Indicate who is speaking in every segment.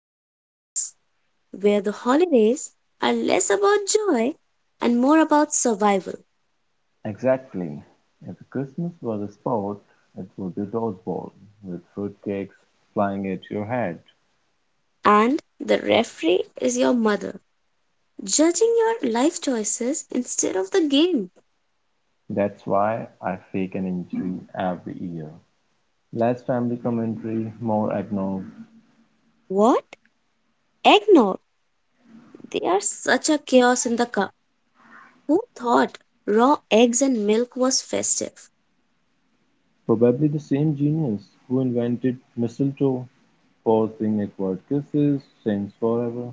Speaker 1: and Chaos, where the holidays are less about joy and more about survival.
Speaker 2: Exactly, if Christmas was a sport, it would be dodgeball, with fruitcakes flying at your head.
Speaker 1: And the referee is your mother, judging your life choices instead of the game.
Speaker 2: That's why I fake an injury every year. Less family commentary, more eggnog.
Speaker 1: What? Eggnog! They are such a chaos in the cup. Who thought raw eggs and milk was festive?
Speaker 2: Probably the same genius who invented mistletoe, forcing awkward kisses, sings forever.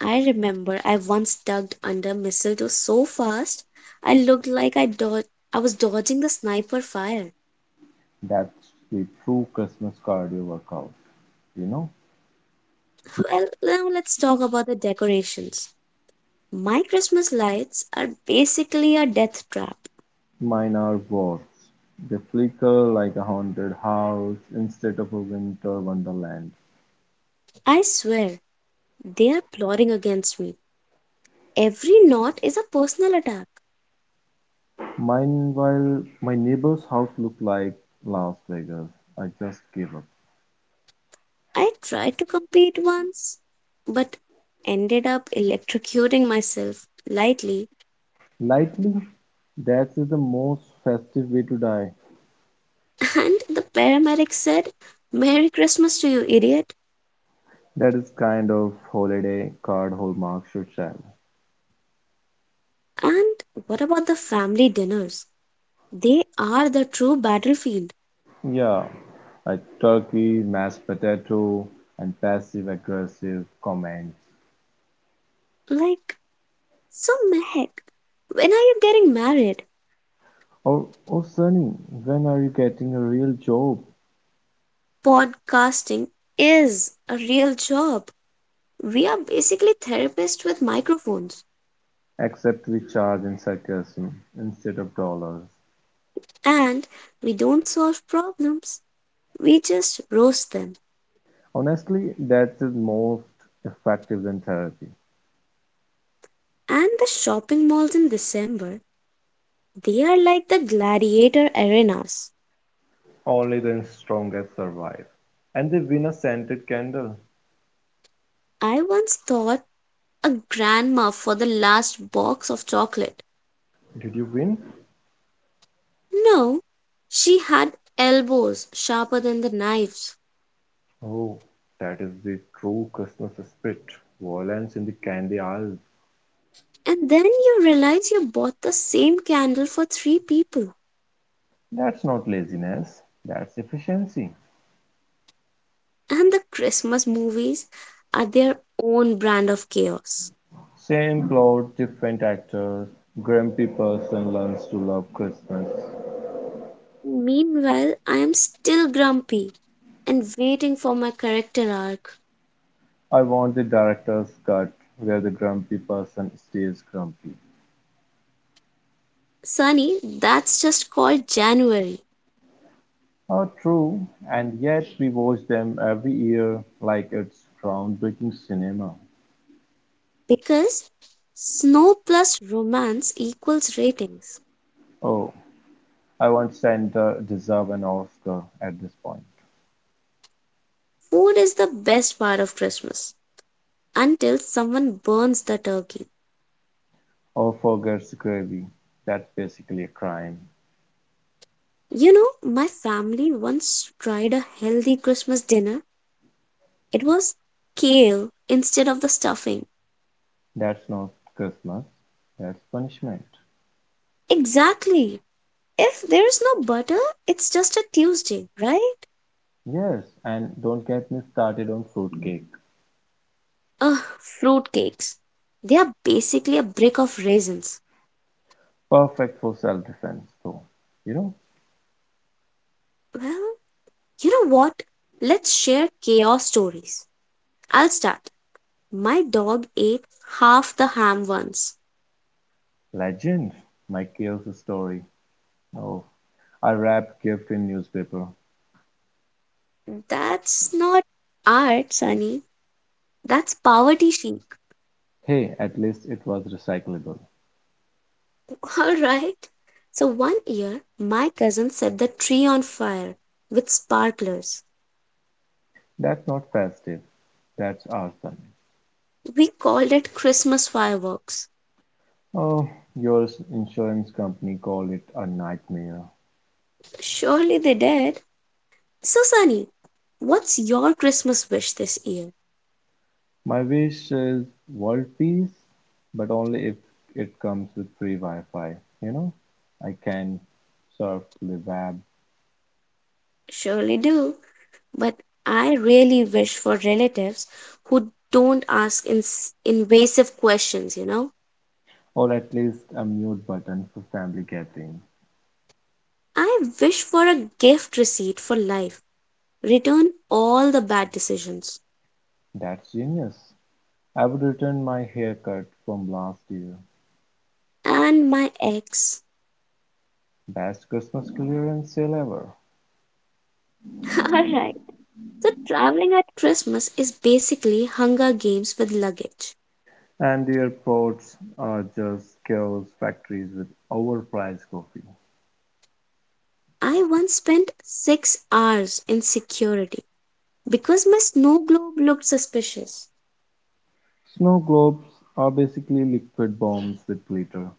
Speaker 1: I remember I once ducked under mistletoe so fast I looked like I dod I was dodging the sniper fire.
Speaker 2: That's the true Christmas cardio workout, you know?
Speaker 1: Well, now let's talk about the decorations. My Christmas lights are basically a death trap.
Speaker 2: Mine are wharfs. They flicker like a haunted house instead of a winter wonderland.
Speaker 1: I swear, they are plotting against me. Every knot is a personal attack.
Speaker 2: Mine, while my neighbor's house looked like Las Vegas, I just gave up.
Speaker 1: I tried to compete once, but ended up electrocuting myself lightly.
Speaker 2: Lightly, that is the most festive way to die.
Speaker 1: And the paramedic said, Merry Christmas to you, idiot.
Speaker 2: That is kind of holiday card hallmark should sell.
Speaker 1: And what about the family dinners? They are the true battlefield.
Speaker 2: Yeah, a turkey, mashed potato, and passive aggressive comments.
Speaker 1: Like, so, Mehak, when are you getting married?
Speaker 2: Or, oh, Sunny, when are you getting a real job?
Speaker 1: Podcasting is a real job. We are basically therapists with microphones,
Speaker 2: Except we charge in sarcasm instead of dollars.
Speaker 1: and we don't solve problems, we just roast them.
Speaker 2: Honestly, that's most effective than therapy.
Speaker 1: And the shopping malls in December, they are like the gladiator arenas.
Speaker 2: Only the strongest survive. And they win a scented candle.
Speaker 1: I once thought a grandma for the last box of chocolate.
Speaker 2: Did you win?
Speaker 1: No, she had elbows sharper than the knives.
Speaker 2: Oh, that is the true Christmas spirit. Violence in the candy aisles.
Speaker 1: And then you realize you bought the same candle for three people.
Speaker 2: That's not laziness, that's efficiency.
Speaker 1: And the Christmas movies are their own brand of chaos.
Speaker 2: Same plot, different actors. Grumpy person learns to love Christmas.
Speaker 1: Meanwhile, I am still grumpy and waiting for my character arc.
Speaker 2: I want the director's cut where the grumpy person stays grumpy.
Speaker 1: Sunny, that's just called January
Speaker 2: True, and yet we watch them every year like it's groundbreaking cinema.
Speaker 1: because snow plus romance equals ratings.
Speaker 2: Oh, I want Santa deserve an Oscar at this point.
Speaker 1: Food is the best part of Christmas until someone burns the turkey.
Speaker 2: Or forgets gravy. That's basically a crime.
Speaker 1: You know, my family once tried a healthy Christmas dinner. It was kale instead of the stuffing.
Speaker 2: That's not Christmas. That's punishment.
Speaker 1: Exactly. If there's no butter, it's just a Tuesday, right?
Speaker 2: Yes, and don't get me started on fruitcake.
Speaker 1: Ugh, fruit cakes. They are basically a brick of raisins.
Speaker 2: Perfect for self-defense, though. You know,
Speaker 1: Well, you know what? Let's share chaos stories. I'll start. My dog ate half the ham once.
Speaker 2: legend. My chaos story. Oh, I wrapped gift in newspaper.
Speaker 1: That's not art, Sunny. That's poverty chic.
Speaker 2: Hey, at least it was recyclable.
Speaker 1: All right. So one year, my cousin set the tree on fire with sparklers.
Speaker 2: That's not festive. That's arson.
Speaker 1: We called it Christmas fireworks.
Speaker 2: Oh, your insurance company call it a nightmare.
Speaker 1: Surely they did. So, Sunny, what's your Christmas wish this year?
Speaker 2: My wish is world peace, but only if it comes with free Wi-Fi. You know, I can surf the web,
Speaker 1: Surely do. But I really wish for relatives who don't ask invasive questions, you know?
Speaker 2: or at least a mute button for family gathering.
Speaker 1: I wish for a gift receipt for life. Return all the bad decisions.
Speaker 2: That's genius. I've returned my haircut from last year.
Speaker 1: And my ex.
Speaker 2: Best Christmas clearance sale ever,
Speaker 1: All right. So traveling at Christmas is basically Hunger Games with luggage.
Speaker 2: and the airports are just chaos factories with overpriced coffee.
Speaker 1: I once spent 6 hours in security because my snow globe looked suspicious.
Speaker 2: Snow globes are basically liquid bombs with glitter.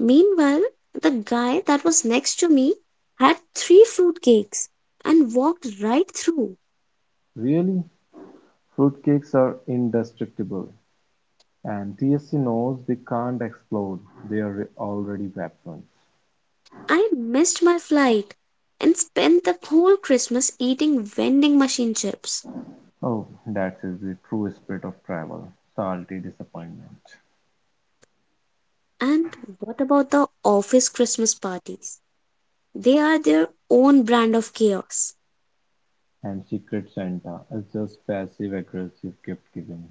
Speaker 1: Meanwhile, the guy that was next to me had three fruitcakes and walked right through.
Speaker 2: Really? Fruitcakes are indestructible, and TSC knows they can't explode. They are already weapons.
Speaker 1: I missed my flight and spent the whole Christmas eating vending machine chips.
Speaker 2: Oh, that is the true spirit of travel salty disappointment.
Speaker 1: And what about the office Christmas parties? They are their own brand of chaos.
Speaker 2: And Secret Santa is just passive aggressive gift giving.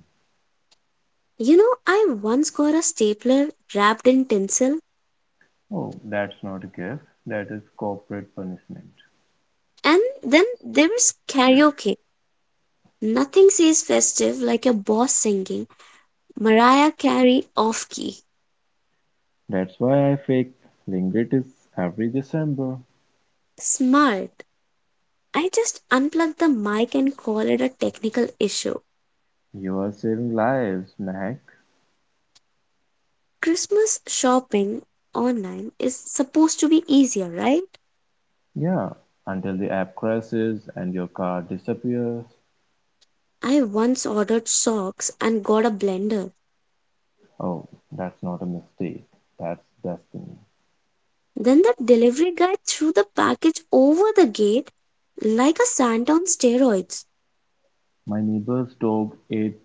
Speaker 1: You know, I once got a stapler wrapped in tinsel,
Speaker 2: Oh, that's not a gift, that is corporate punishment.
Speaker 1: and then there was karaoke. Nothing says festive like a boss singing Mariah Carey off key.
Speaker 2: That's why I fake lingitis every December.
Speaker 1: Smart. I just unplugged the mic and call it a technical issue.
Speaker 2: You are saving lives, Mac.
Speaker 1: Christmas shopping online is supposed to be easier, right?
Speaker 2: Yeah, until the app crashes and your car disappears.
Speaker 1: I once ordered socks and got a blender.
Speaker 2: Oh, that's not a mistake, that's destiny.
Speaker 1: Then the delivery guy threw the package over the gate like a Santa on steroids.
Speaker 2: My neighbor's dog ate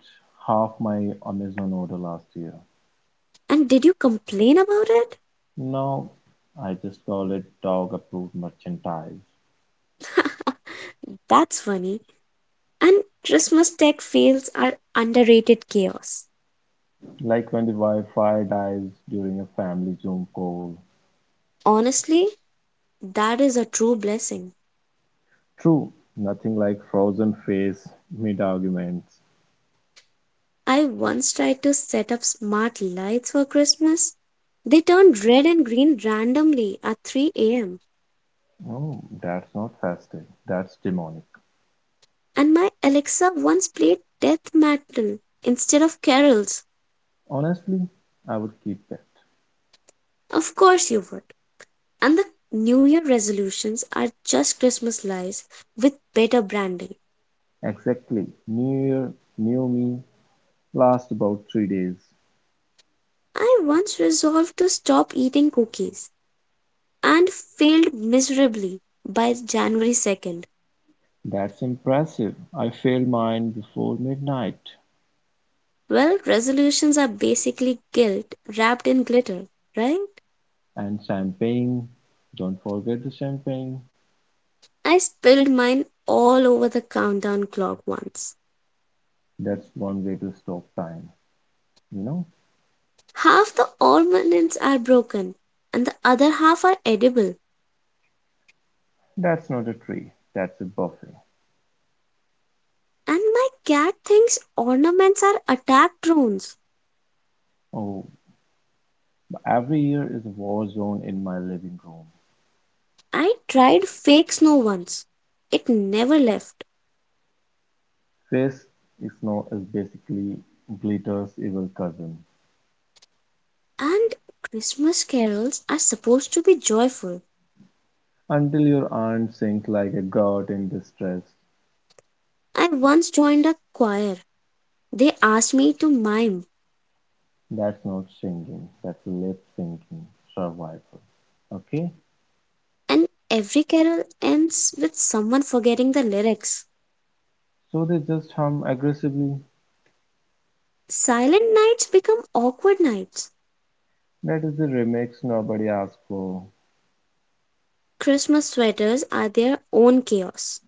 Speaker 2: half my Amazon order last year.
Speaker 1: And did you complain about it?
Speaker 2: Now, I just call it dog approved merchandise.
Speaker 1: That's funny. And Christmas tech fails are underrated chaos.
Speaker 2: Like when the Wi Fi dies during a family Zoom call.
Speaker 1: Honestly, that is a true blessing.
Speaker 2: True, nothing like frozen face mid-arguments.
Speaker 1: I once tried to set up smart lights for Christmas. They turned red and green randomly at 3 am.
Speaker 2: Oh, that's not festive, that's demonic.
Speaker 1: And my Alexa once played death metal instead of carols.
Speaker 2: Honestly, I would keep that.
Speaker 1: Of course you would. And the New Year resolutions are just Christmas lies with better branding.
Speaker 2: Exactly. New Year, new me, last about 3 days.
Speaker 1: I once resolved to stop eating cookies and failed miserably by January 2nd.
Speaker 2: That's impressive. I failed mine before midnight.
Speaker 1: Well, resolutions are basically guilt wrapped in glitter, right?
Speaker 2: And champagne. Don't forget the champagne.
Speaker 1: I spilled mine all over the countdown clock once.
Speaker 2: That's one way to stop time. You know,
Speaker 1: Half the ornaments are broken and the other half are edible.
Speaker 2: that's not a tree, that's a buffet.
Speaker 1: And my cat thinks ornaments are attack drones.
Speaker 2: Oh, every year is a war zone in my living room.
Speaker 1: I tried fake snow once. It never left.
Speaker 2: Face snow is basically glitter's evil cousin.
Speaker 1: And Christmas carols are supposed to be joyful.
Speaker 2: Until your aunt sings like a god in distress.
Speaker 1: I once joined a choir. They asked me to mime,
Speaker 2: That's not singing, that's lip syncing survival. Okay?
Speaker 1: and every carol ends with someone forgetting the lyrics.
Speaker 2: So they just hum aggressively.
Speaker 1: Silent nights become awkward nights.
Speaker 2: That is the remix nobody asked for.
Speaker 1: Christmas sweaters are their own chaos.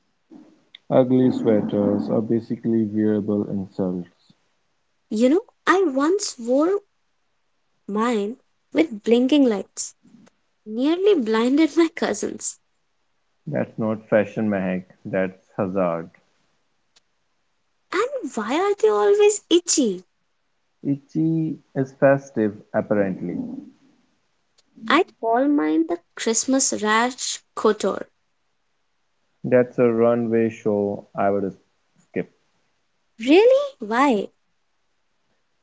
Speaker 2: Ugly sweaters are basically wearable insults.
Speaker 1: You know, I once wore mine with blinking lights, nearly blinded my cousins.
Speaker 2: That's not fashion, Mehak. That's hazard.
Speaker 1: And why are they always itchy?
Speaker 2: Itchy is festive, apparently.
Speaker 1: I call mine the Christmas rash kotor.
Speaker 2: That's a runway show I would skip.
Speaker 1: Really? Why?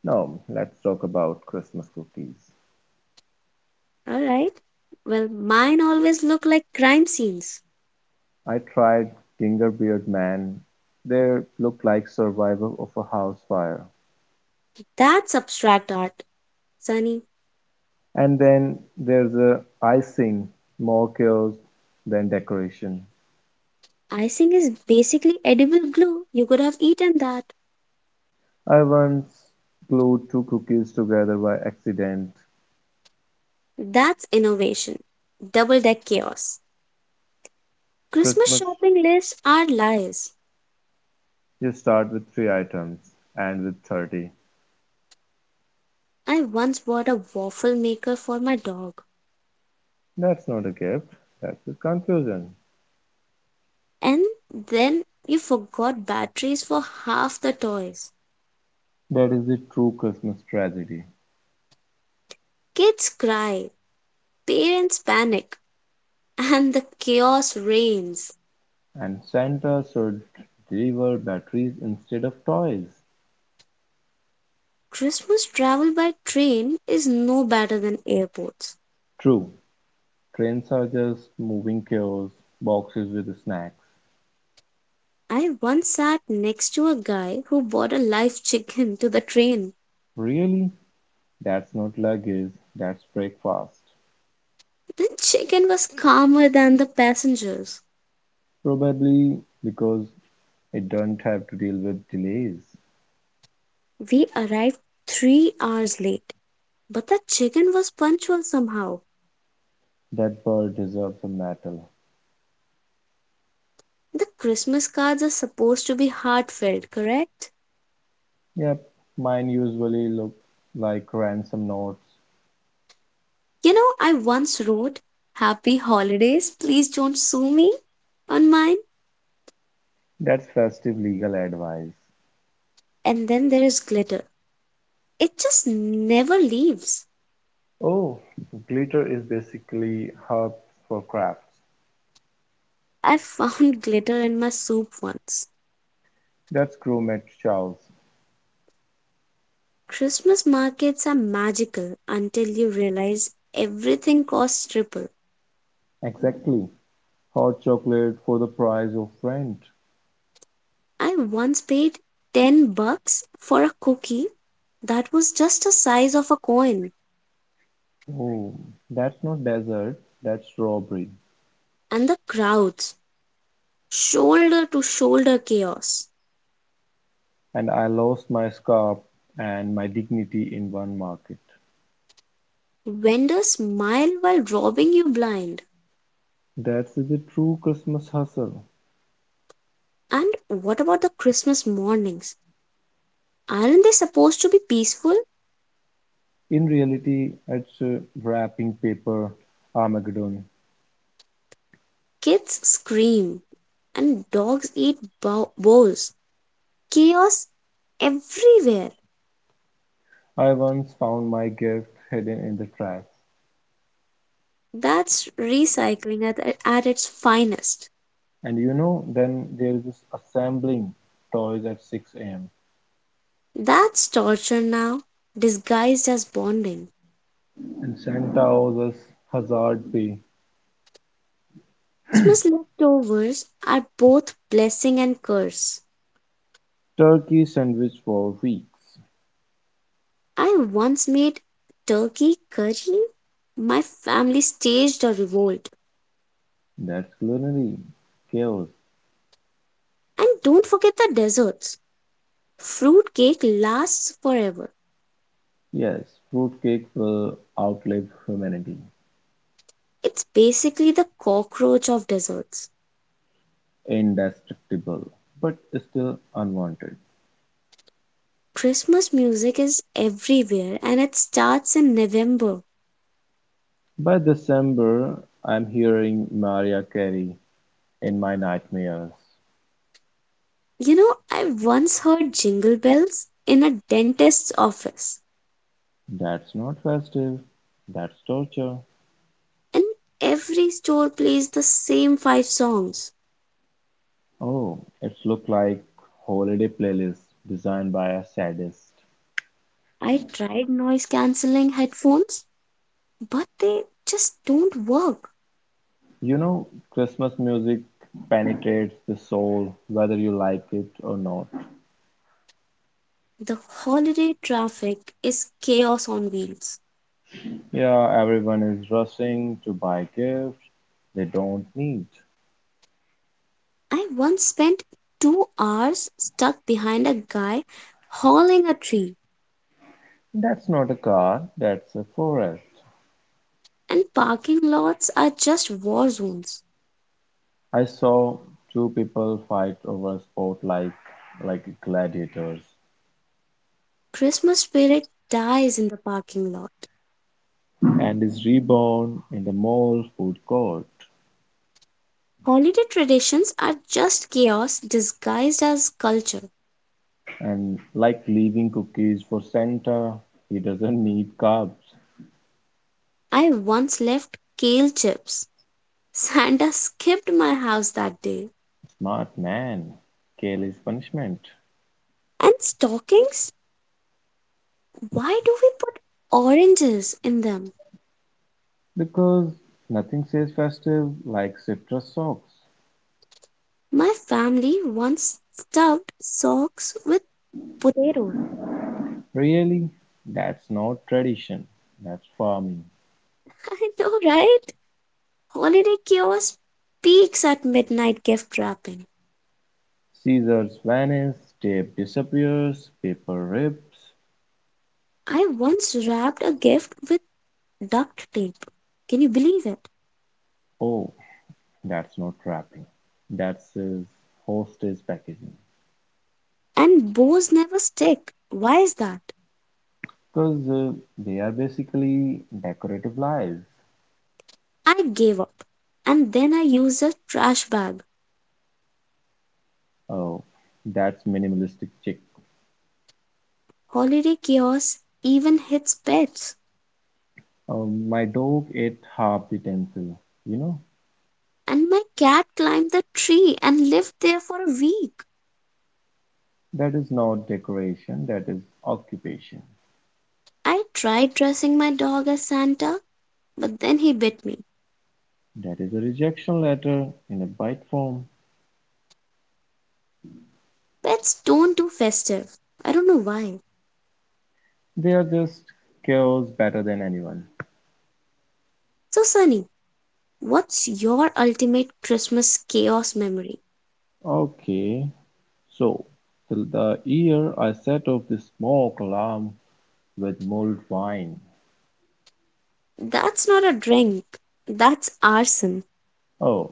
Speaker 2: No, let's talk about Christmas cookies.
Speaker 1: Alright. Well, mine always look like crime scenes.
Speaker 2: I tried gingerbeer man. They look like survival of a house fire.
Speaker 1: That's abstract art, Sunny.
Speaker 2: And then there's a icing, more chaos than decoration.
Speaker 1: Icing is basically edible glue. You could have eaten that.
Speaker 2: I once glued two cookies together by accident.
Speaker 1: That's innovation. Double deck chaos. Christmas
Speaker 2: Christmas,
Speaker 1: shopping lists are lies.
Speaker 2: you start with three items, and with 30.
Speaker 1: I once bought a waffle maker for my dog.
Speaker 2: That's not a gift, that's a confusion.
Speaker 1: And then you forgot batteries for half the toys.
Speaker 2: That is the true Christmas tragedy.
Speaker 1: Kids cry, parents panic, and the chaos reigns.
Speaker 2: And Santa should deliver batteries instead of toys.
Speaker 1: Christmas travel by train is no better than airports.
Speaker 2: True, trains are just moving chaos, boxes with snacks.
Speaker 1: I once sat next to a guy who bought a live chicken to the train.
Speaker 2: Really? That's not luggage, that's breakfast.
Speaker 1: The chicken was calmer than the passengers.
Speaker 2: Probably because it does not have to deal with delays.
Speaker 1: We arrived 3 hours late, but the chicken was punctual somehow.
Speaker 2: That bird deserves a medal.
Speaker 1: The Christmas cards are supposed to be heartfelt, correct?
Speaker 2: Yep, mine usually look like ransom notes.
Speaker 1: You know, I once wrote, Happy Holidays, please don't sue me on mine.
Speaker 2: That's festive legal advice.
Speaker 1: And then there is glitter. It just never leaves.
Speaker 2: Oh, glitter is basically herbs for crafts.
Speaker 1: I found glitter in my soup once.
Speaker 2: That's gourmet, Charles.
Speaker 1: Christmas markets are magical until you realize everything costs triple.
Speaker 2: Exactly. Hot chocolate for the price of rent.
Speaker 1: I once paid 10 bucks for a cookie that was just the size of a coin,
Speaker 2: Oh, that's not desert, that's robbery.
Speaker 1: and the crowds, shoulder to shoulder chaos.
Speaker 2: And I lost my scarf and my dignity in one market.
Speaker 1: Vendors smile while robbing you blind.
Speaker 2: That's the true Christmas hustle.
Speaker 1: And what about the Christmas mornings? Aren't they supposed to be peaceful?
Speaker 2: In reality, it's wrapping paper Armageddon.
Speaker 1: Kids scream and dogs eat bows. Chaos everywhere.
Speaker 2: I once found my gift hidden in the trash.
Speaker 1: That's recycling at its finest.
Speaker 2: And you know, then there is this assembling toys at 6 a.m.
Speaker 1: That's torture now, disguised as bonding.
Speaker 2: And Santa owes us hazard pay.
Speaker 1: Christmas leftovers are both blessing and curse.
Speaker 2: Turkey sandwich for weeks,
Speaker 1: I once made turkey curry. My family staged a revolt.
Speaker 2: that's culinary chaos,
Speaker 1: And don't forget the desserts. Fruitcake lasts forever.
Speaker 2: yes. Fruitcake will outlive humanity,
Speaker 1: It's basically the cockroach of desserts.
Speaker 2: indestructible, but still unwanted.
Speaker 1: Christmas music is everywhere and it starts in November.
Speaker 2: By December, I'm hearing Mariah Carey in my nightmares.
Speaker 1: You know, I once heard jingle bells in a dentist's office,
Speaker 2: That's not festive, that's torture.
Speaker 1: and every store plays the same five songs.
Speaker 2: Oh, it's look like holiday playlist designed by a sadist.
Speaker 1: I tried noise cancelling headphones, but they just don't work.
Speaker 2: You know, Christmas music penetrates the soul whether you like it or not.
Speaker 1: The holiday traffic is chaos on wheels.
Speaker 2: Yeah, everyone is rushing to buy gifts they don't need.
Speaker 1: I once spent 2 hours stuck behind a guy hauling a tree,
Speaker 2: That's not a car, that's a forest.
Speaker 1: and parking lots are just war zones.
Speaker 2: I saw two people fight over a sport like gladiators
Speaker 1: Christmas spirit dies in the parking lot.
Speaker 2: and is reborn in the mall food court.
Speaker 1: Holiday traditions are just chaos disguised as culture.
Speaker 2: And like leaving cookies for Santa, he doesn't need carbs.
Speaker 1: I once left kale chips. Santa skipped my house that day.
Speaker 2: Smart man. Kale is punishment.
Speaker 1: And stockings? Why do we put oranges in them?
Speaker 2: Because nothing says festive like citrus socks.
Speaker 1: My family once stuffed socks with potatoes.
Speaker 2: Really, that's not tradition, that's farming.
Speaker 1: I know, right? Holiday chaos peaks at midnight gift wrapping.
Speaker 2: Scissors vanish, tape disappears, paper rips.
Speaker 1: I once wrapped a gift with duct tape. Can you believe it?
Speaker 2: Oh, that's not wrapping, that's hostage packaging.
Speaker 1: And bows never stick. Why is that?
Speaker 2: Because they are basically decorative lies.
Speaker 1: I gave up. And then I used a trash bag.
Speaker 2: Oh, that's minimalistic chick.
Speaker 1: Holiday chaos even hits pets.
Speaker 2: My dog ate half the tinsel. You know,
Speaker 1: And my cat climbed the tree and lived there for a week.
Speaker 2: that is not decoration, that is occupation.
Speaker 1: I tried dressing my dog as Santa, but then he bit me.
Speaker 2: That is a rejection letter in a bite form.
Speaker 1: Pets don't do festive. I don't know why.
Speaker 2: They're just chaos better than anyone.
Speaker 1: So, Sunny, what's your ultimate Christmas chaos memory?
Speaker 2: Okay, so till the year I set off the smoke alarm with mulled wine.
Speaker 1: That's not a drink, that's arson.
Speaker 2: Oh,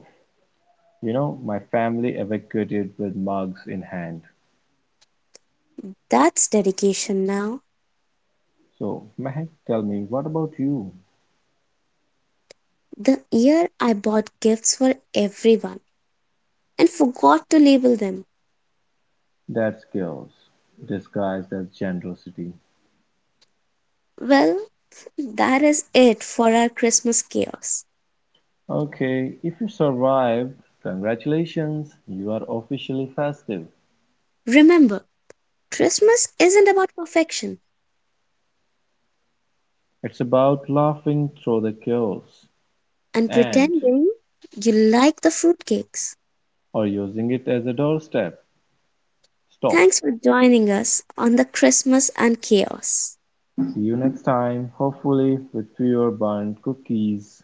Speaker 2: you know, my family evacuated with mugs in hand.
Speaker 1: That's dedication now.
Speaker 2: So, Mehak, tell me, what about you?
Speaker 1: The year I bought gifts for everyone and forgot to label them.
Speaker 2: That's chaos, disguised as generosity.
Speaker 1: Well, that is it for our Christmas chaos.
Speaker 2: Okay, if you survive, congratulations, you are officially festive.
Speaker 1: Remember, Christmas isn't about perfection
Speaker 2: It's about laughing through the chaos
Speaker 1: and
Speaker 2: and/or
Speaker 1: pretending you like the fruitcakes.
Speaker 2: using it as a doorstep stop.
Speaker 1: Thanks for joining us on the Christmas and Chaos.
Speaker 2: See you next time, hopefully with fewer burnt cookies.